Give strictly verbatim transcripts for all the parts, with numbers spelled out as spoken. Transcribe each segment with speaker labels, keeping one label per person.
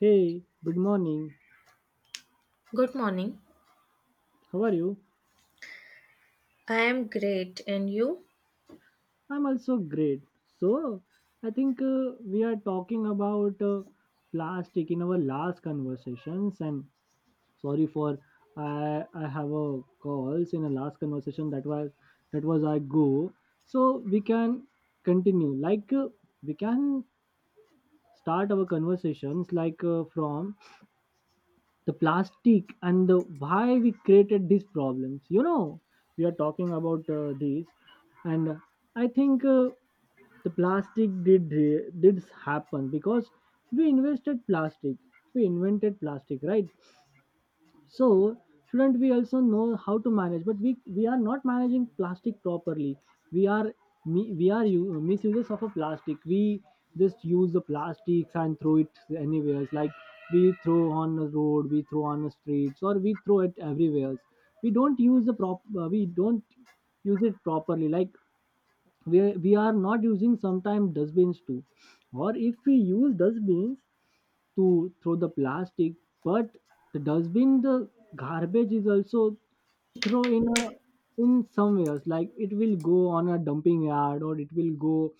Speaker 1: Hey, good morning.
Speaker 2: Good morning.
Speaker 1: How are you?
Speaker 2: I am great. And you?
Speaker 1: I'm also great. So, I think uh, we are talking about uh, plastic in our last conversations and sorry for I I have a calls in a last conversation that was that was I go. So, we can continue. Like uh, we can start our conversations like uh, from the plastic and the why we created these problems you know We are talking about uh, these and uh, i think uh, the plastic did did happen because we invested plastic we invented plastic, right? So shouldn't we also know how to manage? But we we are not managing plastic properly. We are mi- we are u- uh, misuses of a plastic. We just use the plastics and throw it anywhere, like we throw on the road, we throw on the streets, or we throw it everywhere. We don't use the prop uh, we don't use it properly. Like we, we are not using sometimes dustbins too. Or if we use dustbins to throw the plastic, but the dustbin the garbage is also throw in a in somewhere. Like it will go on a dumping yard or it will go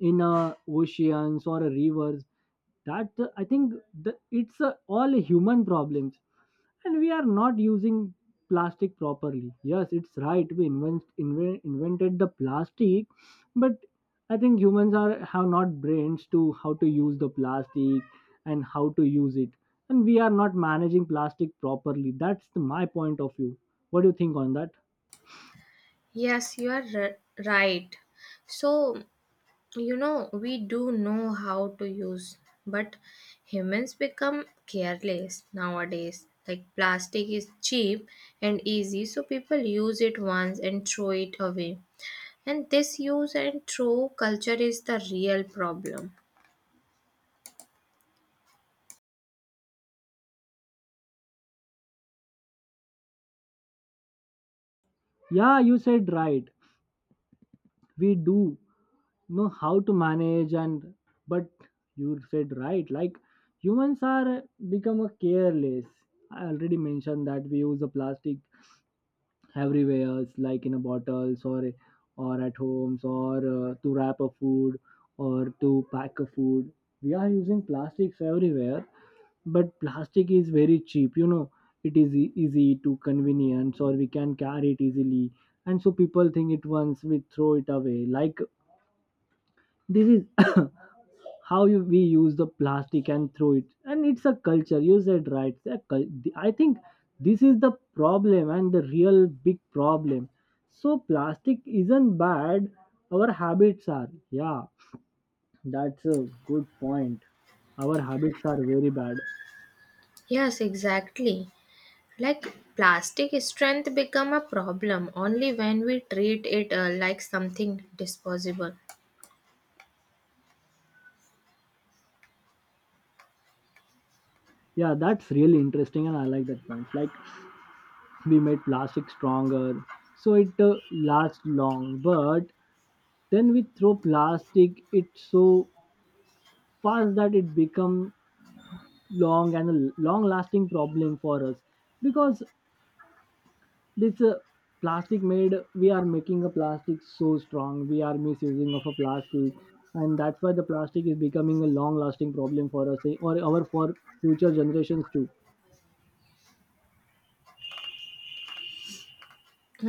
Speaker 1: in a oceans or a rivers. That uh, I think the, it's a, all human problems, and we are not using plastic properly. Yes, it's right, we invent, inve- invented the plastic, but I think humans are have not brains to how to use the plastic and how to use it, and we are not managing plastic properly. That's the, my point of view. What do you think on that?
Speaker 2: Yes, you are r- right. So, you know, we do know how to use, but humans become careless nowadays. Like plastic is cheap and easy, so people use it once and throw it away. And this use and throw culture is the real problem.
Speaker 1: Yeah, you said right, we do know how to manage, and but you said right, like humans are become a careless. I already mentioned that we use the plastic everywhere. It's like in a bottles or or at homes or uh, to wrap a food or to pack a food. We are using plastics everywhere, but plastic is very cheap you know It is e- easy to convenience, or we can carry it easily. And so people think it once we throw it away. Like this is how you, we use the plastic and throw it, and it's a culture, you said right. It's a cul- the- I think this is the problem and the real big problem. So plastic isn't bad, our habits are. Yeah, that's a good point. Our habits are very bad.
Speaker 2: Yes, exactly. Like plastic strength become a problem only when we treat it uh, like something disposable.
Speaker 1: Yeah, that's really interesting, and I like that point. Like we made plastic stronger, so it uh, lasts long, but then we throw plastic it so fast that it become long and a long lasting problem for us. Because this uh, plastic made, we are making a plastic so strong, we are misusing of a plastic, and that's why the plastic is becoming a long lasting problem for us, eh, or our for future generations too.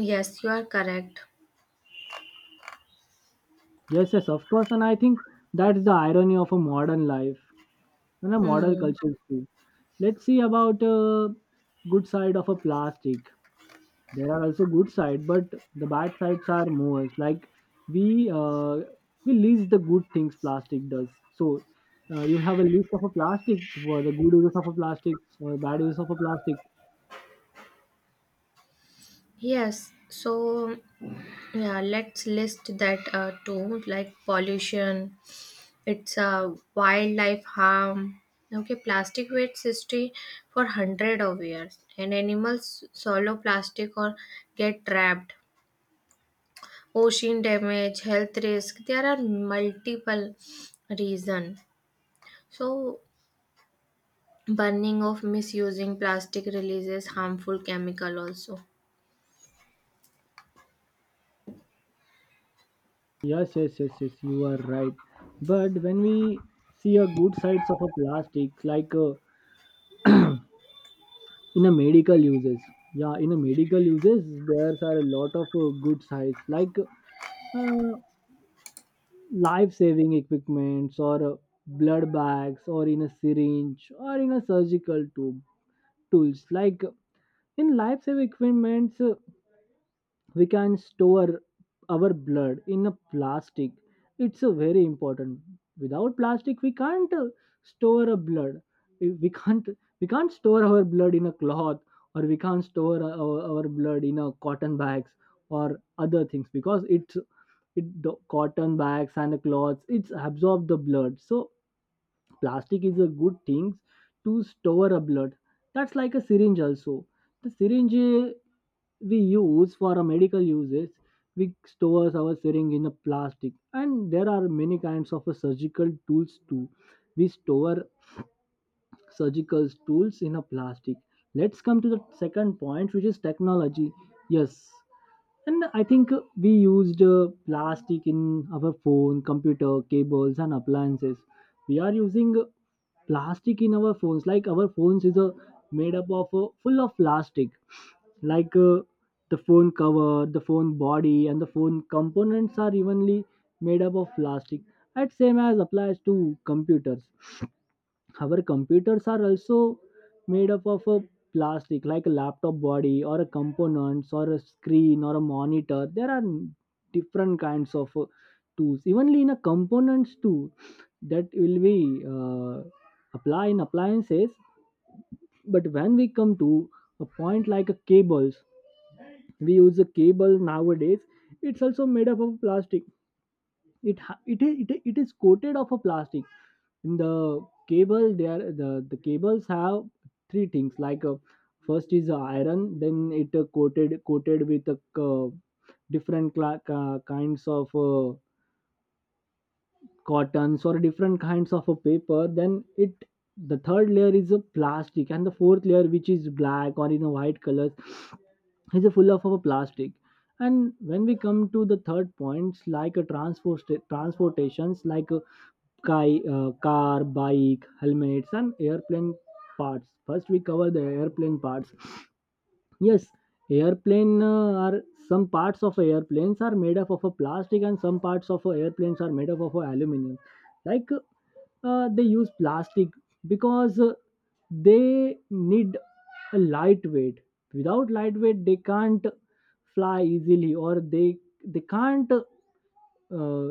Speaker 2: Yes, you are correct.
Speaker 1: Yes, yes, of course, and I think that's the irony of a modern life and a modern
Speaker 2: Hmm.
Speaker 1: culture too. Let's see about a good side of a plastic. There are also good side, but the bad sides are more. It's like we uh, we list the good things plastic does. So uh, you have a list of a plastic for the good uses of a plastic or bad uses of a plastic?
Speaker 2: Yes. So yeah, let's list that uh, too, like pollution, it's a wildlife harm. Okay, plastic waits history for hundred of years and animals swallow plastic or get trapped, ocean damage, health risk. There are multiple reason. So, burning of misusing plastic releases harmful chemical also.
Speaker 1: Yes, yes, yes, yes, you are right. But when we see a good sides of a plastic, like uh, in a medical uses. Yeah, in a medical uses there are a lot of uh, good sides, like uh, life saving equipments, or uh, blood bags, or in a syringe, or in a surgical tube tools, like uh, in life saving equipments uh, we can store our blood in a plastic. It's a very important. Without plastic we can't uh, store a blood. We we can't we can't store our blood in a cloth, or we can't store our, our blood in a cotton bags or other things, because it's it the cotton bags and the cloths it's absorb the blood. So plastic is a good thing to store a blood. That's like a syringe also. The syringe, uh, we use for a medical uses. We stores our syringe in a plastic, and there are many kinds of a surgical tools too. We store surgical tools in a plastic. Let's come to the second point, which is technology. Yes, and I think uh, we used uh, plastic in our phone, computer, cables, and appliances. We are using uh, plastic in our phones. Like our phones is uh, made up of uh, full of plastic, like uh, the phone cover, the phone body, and the phone components are evenly made up of plastic. That same as applies to computers. However, computers are also made up of a plastic, like a laptop body, or a components, or a screen, or a monitor. There are different kinds of uh, tools. Evenly in a components too, that will be uh, apply in appliances. But when we come to a point like a cables, we use a cable nowadays. It's also made up of plastic. It ha- it is it, is- it is coated of a plastic. In the cable there the, the cables have three things, like uh, first is uh, iron, then it uh, coated coated with uh, c- different cla ca- kinds of uh, cottons or different kinds of a paper, then it the third layer is a plastic, and the fourth layer which is black or in a white color is a full of a plastic. And when we come to the third points, like a transport transportations like uh, ki- uh, car, bike, helmets, and airplane parts. First, we cover the airplane parts. Yes, airplane uh, are some parts of airplanes are made up of a plastic, and some parts of airplanes are made up of a aluminum. Like uh, they use plastic because uh, they need a lightweight. Without lightweight, they can't fly easily, or they they can't uh,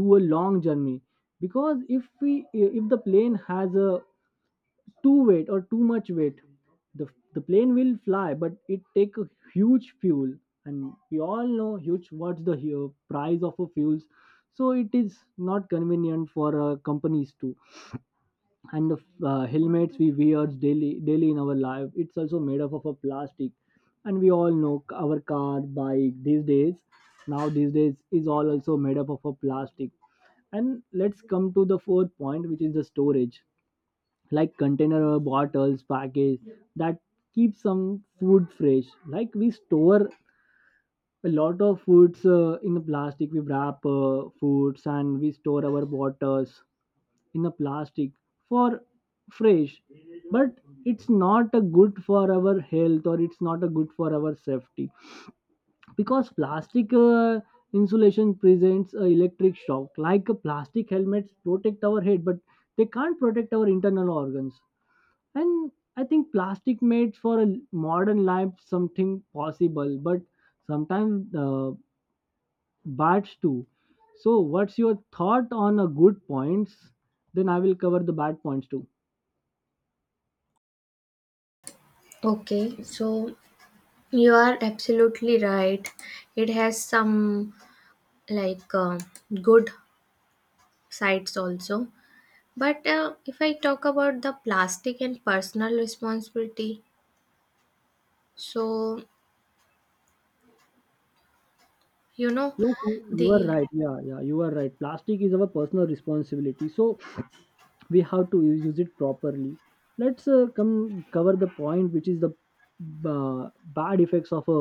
Speaker 1: do a long journey. Because if we if the plane has a too weight or too much weight, the the plane will fly but it take a huge fuel. And we all know huge what's the hu- price of a fuels. So it is not convenient for uh, companies to, and the uh, helmets we wear daily daily in our life it's also made up of a plastic. And we all know our car bike these days now these days is all also made up of a plastic. And let's come to the fourth point, which is the storage, like container or bottles package that keep some food fresh. Like we store a lot of foods uh, in the plastic. We wrap uh, foods, and we store our bottles in a plastic for fresh. But it's not a good for our health, or it's not a good for our safety, because plastic uh, insulation presents a electric shock. Like a plastic helmets protect our head, but they can't protect our internal organs. And I think plastic made for a modern life something possible, but sometimes uh, bad too. So what's your thought on a good points? Then I will cover the bad points too.
Speaker 2: Okay, so you are absolutely right. It has some, like uh, good sides also. But uh, if I talk about the plastic and personal responsibility, so you know
Speaker 1: Yes, you you are
Speaker 2: the
Speaker 1: right. Yeah, yeah, you are right. Plastic is our personal responsibility, so we have to u- use it properly. Let's uh, come cover the point, which is the uh, bad effects of a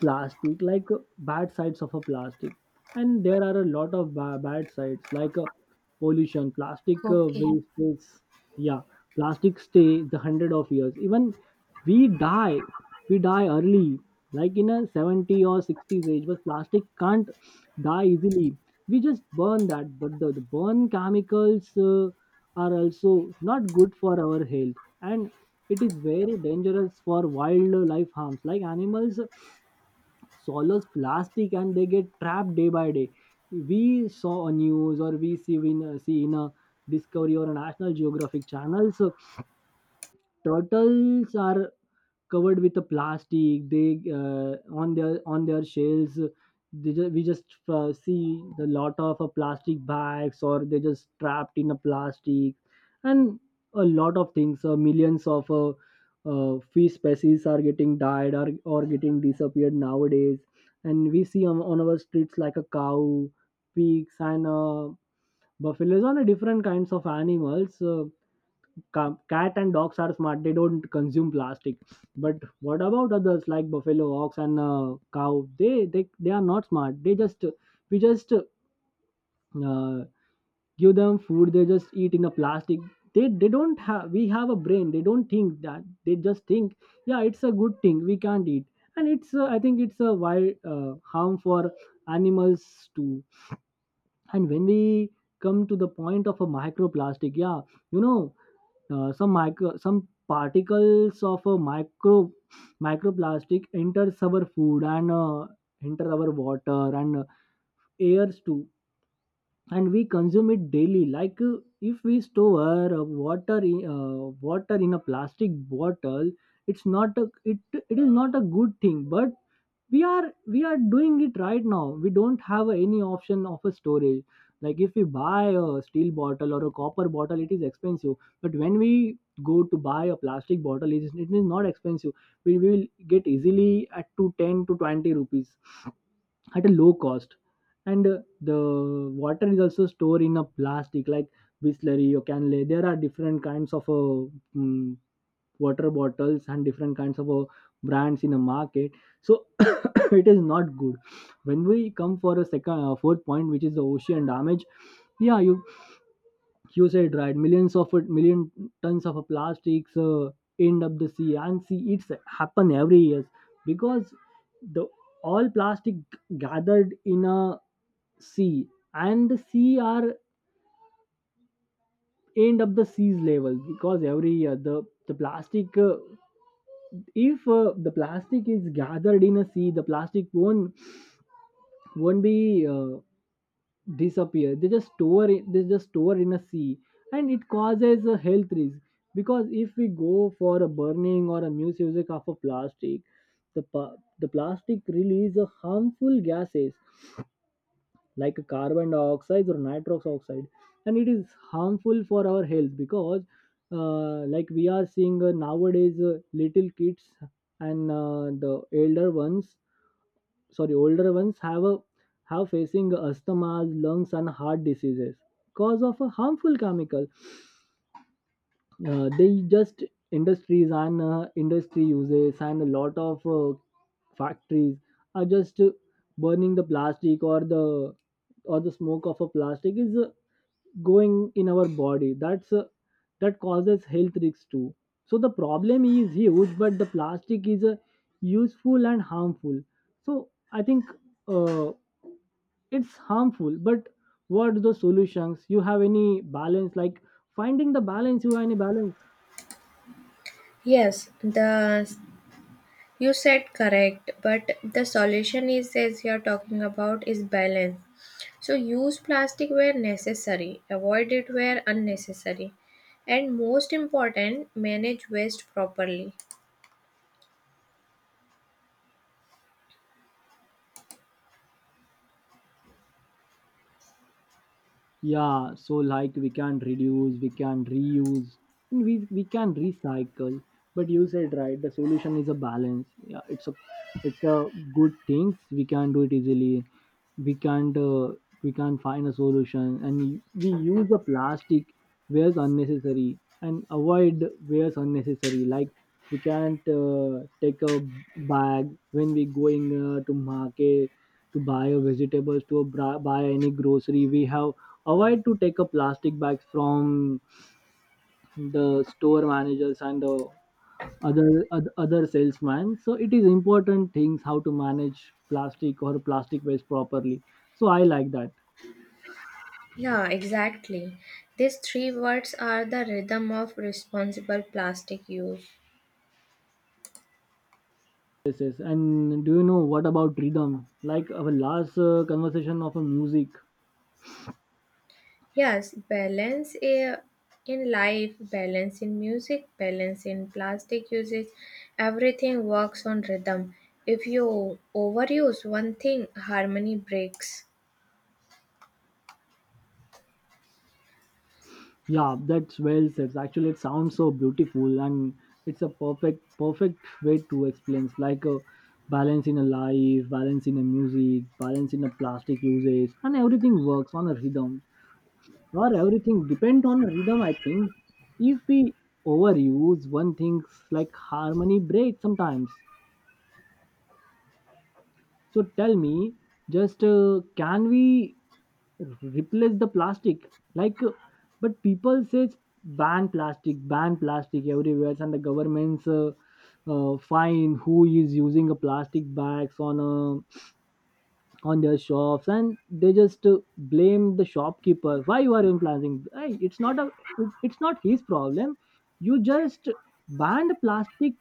Speaker 1: plastic, like uh, bad sides of a plastic. And there are a lot of ba- bad sides, like uh, pollution. Plastic uh,
Speaker 2: okay.
Speaker 1: waste is, yeah, plastic stay the hundred of years. Even we die, we die early, like in a seventy or sixties age, but plastic can't die easily. We just burn that, but the, the burn chemicals uh, are also not good for our health. And it is very dangerous for wildlife harms, like animals swallows plastic and they get trapped day by day. We saw on news, or we see in see in a discovery or a national geographic channels. Turtles are covered with a plastic they, uh, on their on their shells. They just, we just uh, see the lot of uh, plastic bags, or they just trapped in a plastic and a lot of things. Uh, millions of uh, uh, fish species are getting died or, or getting disappeared nowadays. And we see on, on our streets like a cow, pigs and uh, buffaloes and uh, different kinds of animals. uh, ca- cat and dogs are smart, they don't consume plastic, but what about others like buffalo, ox and uh, cow? They, they they are not smart. They just We just uh, give them food, they just eat in a plastic. They they don't have, we have a brain, they don't think that. They just think, yeah, it's a good thing, we can't eat. And it's uh, I think it's a wild uh, harm for animals too. And when we come to the point of a microplastic, yeah, you know, uh, some micro, some particles of a micro microplastic enters our food and uh, enter our water and uh, airs too. And we consume it daily. Like uh, if we store uh, water in, uh, water in a plastic bottle, it's not a, it it is not a good thing, but we are we are doing it right now. We don't have any option of a storage. Like, if we buy a steel bottle or a copper bottle, it is expensive, but when we go to buy a plastic bottle, it is, it is not expensive. We will get easily at to ten to twenty rupees, at a low cost. And uh, the water is also stored in a plastic, like Bisleri or Canlay. There are different kinds of uh, mm, water bottles and different kinds of uh, brands in the market. So it is not good. When we come for a second uh, fourth point, which is the ocean damage, yeah, you you said right, millions of it million tons of uh, plastics uh, end up the sea. And see, it's happen every year, because the all plastic gathered in a sea, and the sea are end up the seas level. Because every year the the plastic uh, if uh, the plastic is gathered in a sea, the plastic won't won't be uh, disappear. They just store it, they just store in a sea. And it causes a health risk, because if we go for a burning or a misuse of a plastic, the, pa- the plastic release a harmful gases like carbon dioxide or nitrous oxide. And it is harmful for our health, because uh, like we are seeing uh, nowadays uh, little kids and uh, the elder ones sorry older ones have a have facing asthma, lungs and heart diseases, cause of a harmful chemical. Uh, they just, industries and uh, industry uses, and a lot of uh, factories are just uh, burning the plastic, or the or the smoke of a plastic is uh, going in our body. That's uh, that causes health risks too. So the problem is huge, but the plastic is uh, useful and harmful. So I think uh, it's harmful, but what are the solutions? You have any balance? Like, finding the balance, you have any balance?
Speaker 2: Yes, the, you said correct, but the solution is, as you're talking about, is balance. So use plastic where necessary, avoid it where unnecessary, and most important, manage waste properly.
Speaker 1: Yeah, so like, we can reduce, we can reuse, and we we can recycle. But you said right, the solution is a balance. Yeah, it's a it's a good things. We can do it easily. We can't uh, we can't find a solution, and y- we use the plastic where it's unnecessary and avoid where it's unnecessary. Like, we can't uh, take a bag. When we going uh, to market to buy a vegetables, to bra- buy any grocery, we have avoid to take a plastic bags from the store managers and the other oth- other salesman. So it is important things how to manage plastic or plastic waste properly. So I like that.
Speaker 2: Yeah, exactly. These three words are the rhythm of responsible plastic use.
Speaker 1: Yes, yes. And do you know what about rhythm, like our last uh, conversation of a music?
Speaker 2: Yes, balance i- in life, balance in music, balance in plastic usage, everything works on rhythm. If you overuse one thing, harmony breaks.
Speaker 1: Yeah, that's well said. Actually, it sounds so beautiful, and it's a perfect, perfect way to explain. It's like a balance in a life, balance in a music, balance in a plastic usage, and everything works on a rhythm. Or everything depend on a rhythm. I think, if we overuse one things, like harmony breaks sometimes. So tell me, just uh, can we replace the plastic? Like, uh, but people say ban plastic, ban plastic everywhere, and the governments uh, uh, fine who is using a plastic bags on uh, on their shops, and they just uh, blame the shopkeeper. Why you are implanting? Hey, it's not a, it's not his problem. You just banned plastic,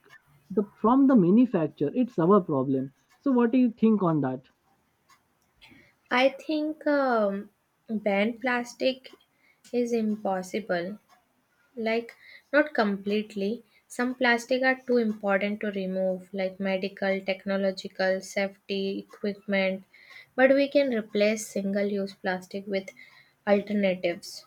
Speaker 1: the, from the manufacturer. It's our problem. So what do you think on that?
Speaker 2: I think um, ban plastic is impossible. Like, not completely. Some plastic are too important to remove, like medical, technological, safety, equipment, but we can replace single use plastic with alternatives.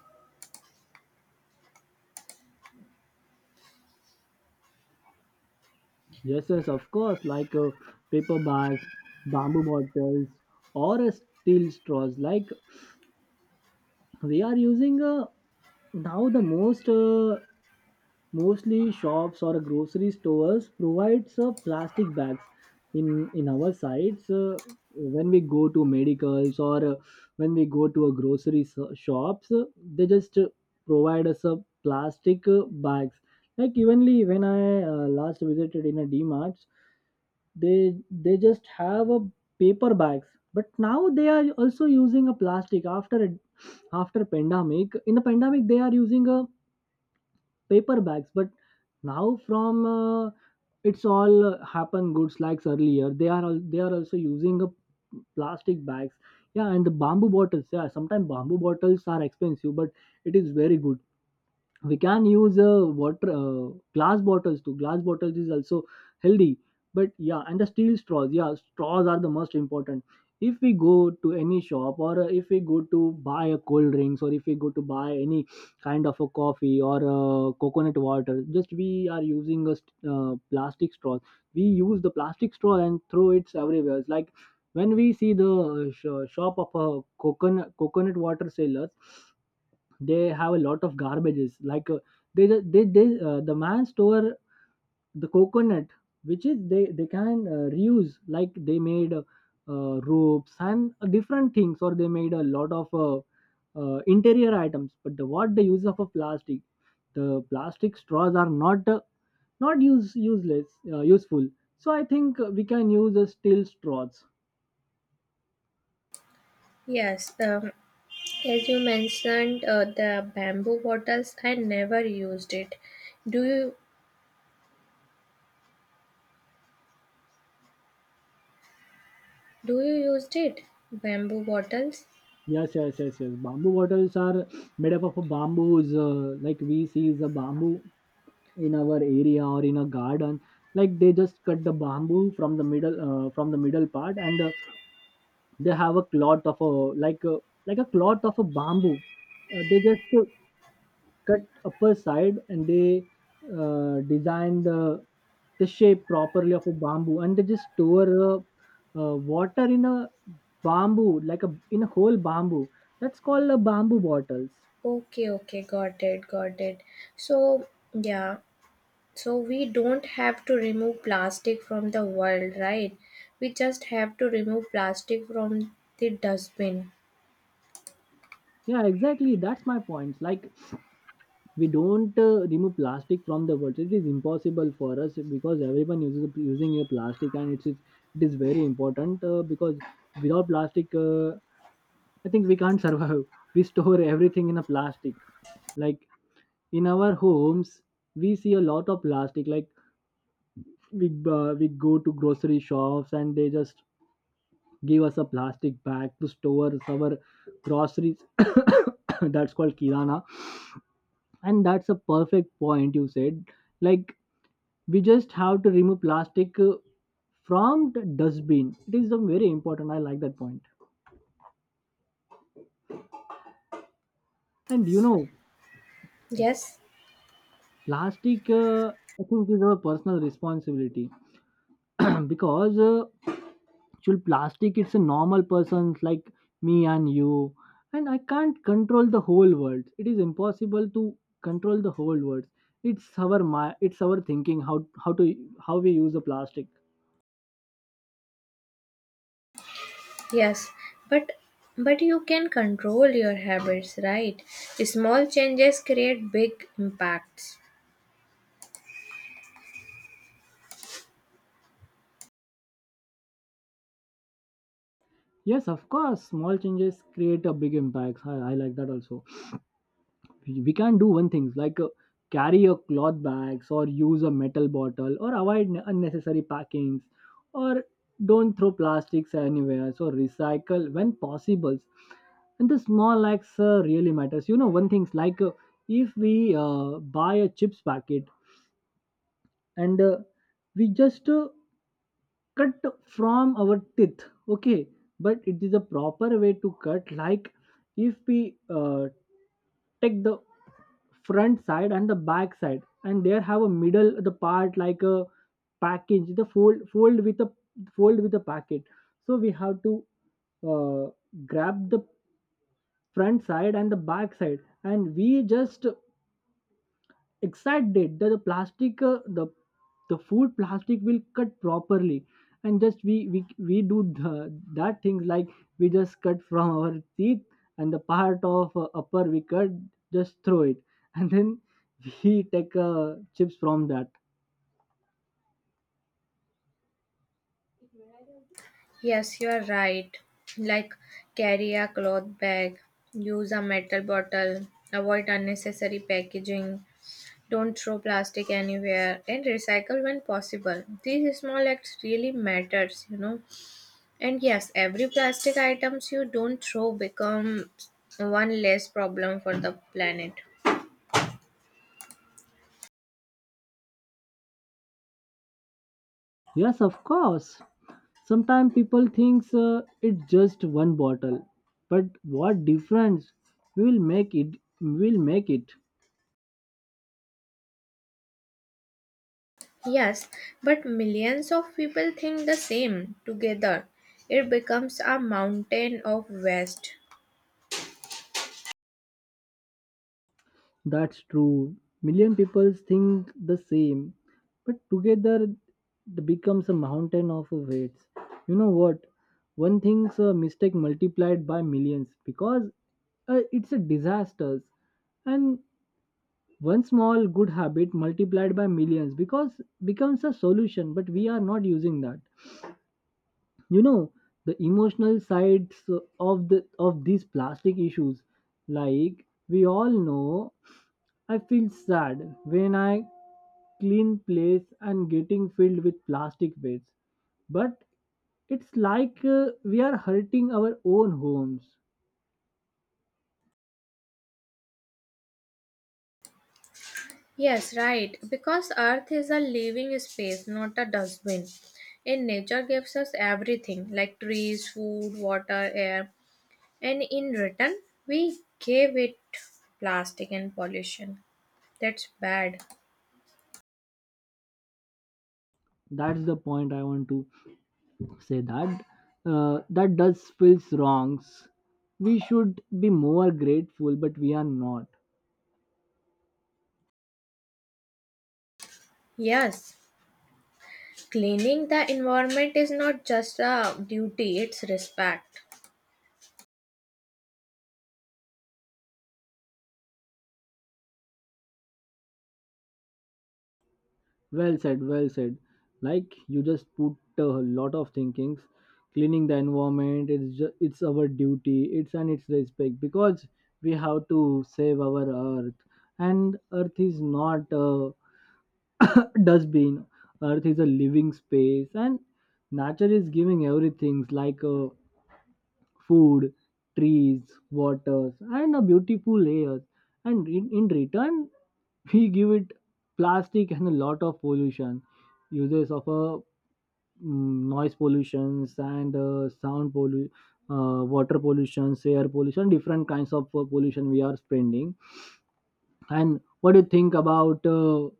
Speaker 1: Yes, yes, of course, like uh, paper bags, bamboo bottles, or uh, steel straws. Like, we are using uh, now, the most uh, mostly shops or grocery stores provides uh, plastic bags in in our sites. Uh, when we go to medicals, or uh, when we go to a grocery so- shops, uh, they just uh, provide us a plastic uh, bags. Like, evenly when I uh, last visited in a dmart, they they just have a paper bags, but now they are also using a plastic. After after pandemic, in the pandemic, they are using a paper bags, but now from uh, it's all uh, happen goods. Like, earlier they are al- they are also using a plastic bags. Yeah, and the bamboo bottles, yeah, sometimes bamboo bottles are expensive, but it is very good. We can use uh, water uh, glass bottles too. Glass bottles is also healthy. But yeah, and the steel straws, yeah, straws are the most important. If we go to any shop, or uh, if we go to buy a cold drinks, or if we go to buy any kind of a coffee, or uh, coconut water, just we are using a st- uh, plastic straw. We use the plastic straw and throw it everywhere. It's like, when we see the uh, sh- shop of a coconut coconut water sellers, they have a lot of garbages. Like uh, they ju- they, they uh, the man store the coconut, which is they they can uh, reuse. Like, they made uh, uh, ropes and uh, different things, or they made a lot of uh, uh, interior items. But the what the use of a plastic? The plastic straws are not uh, not use useless uh, useful. So I think uh, we can use the steel straws.
Speaker 2: Yes, um, as you mentioned, uh, the bamboo bottles, I never used it. Do you do you used it? Bamboo bottles?
Speaker 1: Yes, yes, yes, yes, bamboo bottles are made up of a bamboos. Uh, like, we see is a bamboo in our area or in a garden. Like, they just cut the bamboo from the middle. Uh, from the middle part, and uh, they have a cloth of a, like a like a cloth of a bamboo. Uh, they just uh, cut upper side, and they uh, design the the shape properly of a bamboo, and they just store uh, uh, water in a bamboo, like a, in a whole bamboo. That's called a bamboo bottles.
Speaker 2: Okay, okay, got it, got it. So, yeah, so we don't have to remove plastic from the world, right? We just have to remove plastic from the dustbin.
Speaker 1: Yeah, exactly, that's my point. Like, we don't uh, remove plastic from the world, it is impossible for us, because everyone uses using a plastic, and it is it is very important. Uh, because without plastic, uh, I think we can't survive. We store everything in a plastic, like in our homes, we see a lot of plastic. Like, we uh, we go to grocery shops, and they just give us a plastic bag to store our groceries that's called kirana. And that's a perfect point you said. Like, we just have to remove plastic uh, from the dustbin. It is a very important, I like that point point. And you know,
Speaker 2: Yes,
Speaker 1: plastic, uh, I think, is our personal responsibility. Because uh, actual plastic, it's a normal person like me and you, and I can't control the whole world. It is impossible to control the whole world. It's our my it's our thinking, how how to how we use the plastic.
Speaker 2: yes. But but you can control your habits, right? Small changes create big impacts.
Speaker 1: Yes, of course. Small changes create a big impact. I, I like that also. We we can do one things like uh, carry a cloth bags, or use a metal bottle, or avoid n- unnecessary packings, or don't throw plastics anywhere. So recycle when possible. And the small acts uh, really matters. You know, one thing's like, uh, if we uh, buy a chips packet, and uh, we just uh, cut from our teeth, okay, but it is a proper way to cut. Like, if we uh, take the front side and the back side, and there have a middle the part, like a package, the fold fold with a fold with a packet. So we have to uh, grab the front side and the back side, and we just excited that the plastic, uh, the the food plastic will cut properly. And just we we, we do the, that things. Like, we just cut from our teeth, and the part of uh, upper, we cut, just throw it, and then we take uh, chips from that.
Speaker 2: Yes, you are right. Like carry a cloth bag, use a metal bottle, avoid unnecessary packaging, don't throw plastic anywhere and recycle when possible. These small acts really matters, you know. And yes, every plastic items you don't throw becomes one less problem for the planet.
Speaker 1: Yes, of course. Sometimes people thinks uh, it's just one bottle, but what difference we will make it, we will make it.
Speaker 2: Yes, but millions of people think the same together. It becomes a mountain of waste.
Speaker 1: That's true. Million people think the same, but together, it becomes a mountain of weights. You know what? One thing's a mistake multiplied by millions, because uh, it's a disaster, and one small good habit multiplied by millions, because becomes a solution. But we are not using that. You know the emotional sides of the of these plastic issues. Like, we all know, I feel sad when I clean place and getting filled with plastic waste. But it's like, uh, we are hurting our own homes.
Speaker 2: Yes, right. Because Earth is a living space, not a dustbin. And nature gives us everything like trees, food, water, air. And in return, we gave it plastic and pollution. That's bad.
Speaker 1: That's the point I want to say, that uh, that does feels wrongs. We should be more grateful, but we are not.
Speaker 2: Yes, cleaning the environment is not just a duty, it's respect.
Speaker 1: Well said, well said. Like, you just put a lot of thinkings. Cleaning the environment, it's just, it's our duty. It's and it's respect, because we have to save our earth. And earth is not a dustbin. Earth is a living space, and nature is giving everything, like a food, trees, waters, and a beautiful layers. And in, in return, we give it plastic and a lot of pollution, uses of a mm, noise pollutions and uh, sound pollution, uh, water pollution, air pollution, different kinds of uh, pollution we are spending. And what do you think about uh,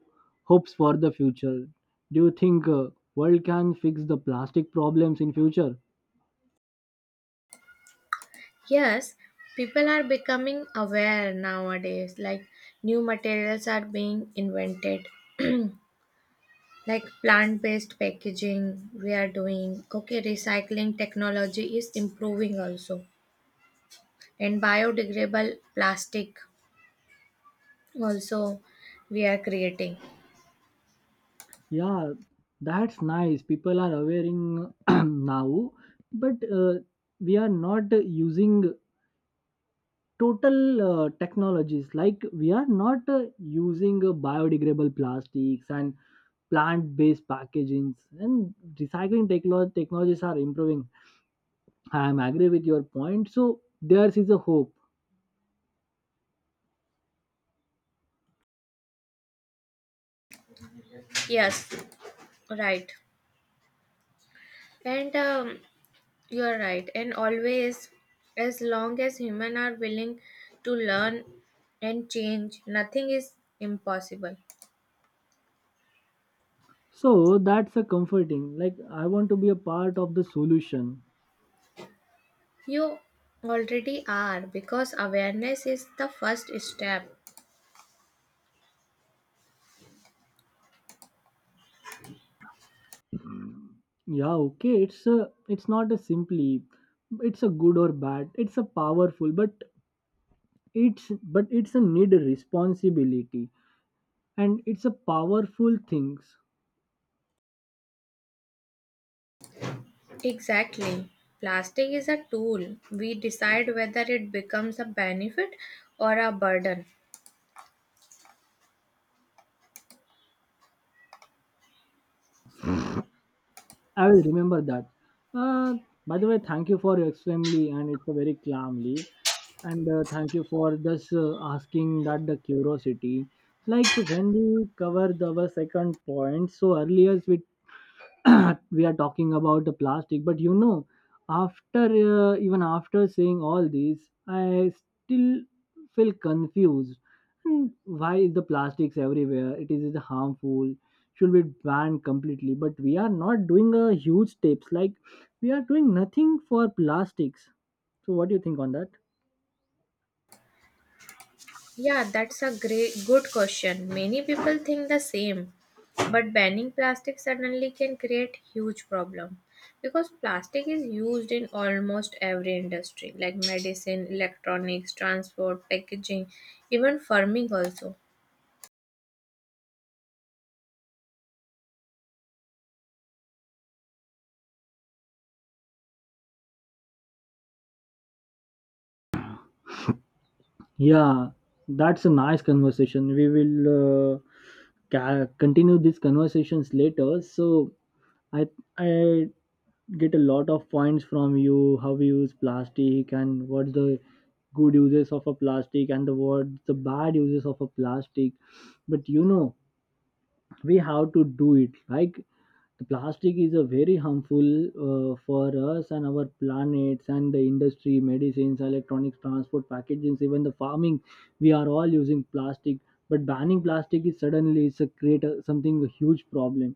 Speaker 1: hopes for the future? Do you think uh, world can fix the plastic problems in future?
Speaker 2: Yes, people are becoming aware nowadays, like new materials are being invented, like plant based packaging, we are doing. Okay, recycling technology is improving also, and biodegradable plastic also we are creating.
Speaker 1: Yeah, that's nice. People are awareing now, but uh, we are not using total uh, technologies. Like, we are not uh, using uh, biodegradable plastics and plant-based packagings. And recycling techlo technologies are improving. I am agree with your point. So there is a hope.
Speaker 2: Yes, right. And um, you're right. And always, as long as humans are willing to learn and change, nothing is impossible.
Speaker 1: So that's a comforting. Like, I want to be a part of the solution.
Speaker 2: You already are because awareness is the first step.
Speaker 1: Yeah, okay, it's a it's not a simply, it's a good or bad, it's a powerful, but it's but it's a need responsibility, and it's a powerful things.
Speaker 2: Exactly. Plastic is a tool. We decide whether it becomes a benefit or a burden.
Speaker 1: I will remember that. uh, by the way, thank you for your extremely, and it's a very calmly, and uh, thank you for this uh, asking, that the curiosity. Like, when we covered our second point, so earlier we we are talking about the plastic. But you know, after uh, even after saying all these, I still feel confused. Hmm, why is the plastics everywhere, it is harmful, should be banned completely, but we are not doing a huge steps. Like, we are doing nothing for plastics. So what do you think on that?
Speaker 2: Yeah, that's a great good question. Many people think the same, but banning plastic suddenly can create huge problem because plastic is used in almost every industry like medicine, electronics, transport, packaging, even farming also.
Speaker 1: Yeah, that's a nice conversation. We will uh, ca- continue these conversations later. So I I get a lot of points from you. How we use plastic, and what's the good uses of a plastic, and the what the bad uses of a plastic. But you know, we have to do it. Like, the plastic is a very harmful, uh, for us and our planets and the industry, medicines, electronics, transport, packagings, even the farming. We are all using plastic. But banning plastic is suddenly, it's a create a, something a huge problem,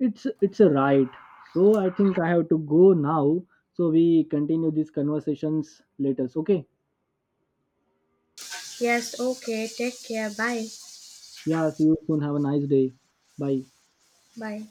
Speaker 1: it's it's a right. So I think I have to go now. So we continue these conversations later. Okay.
Speaker 2: Yes, okay, take care. Bye.
Speaker 1: Yeah. See you soon. Have a nice day. Bye.
Speaker 2: Bye.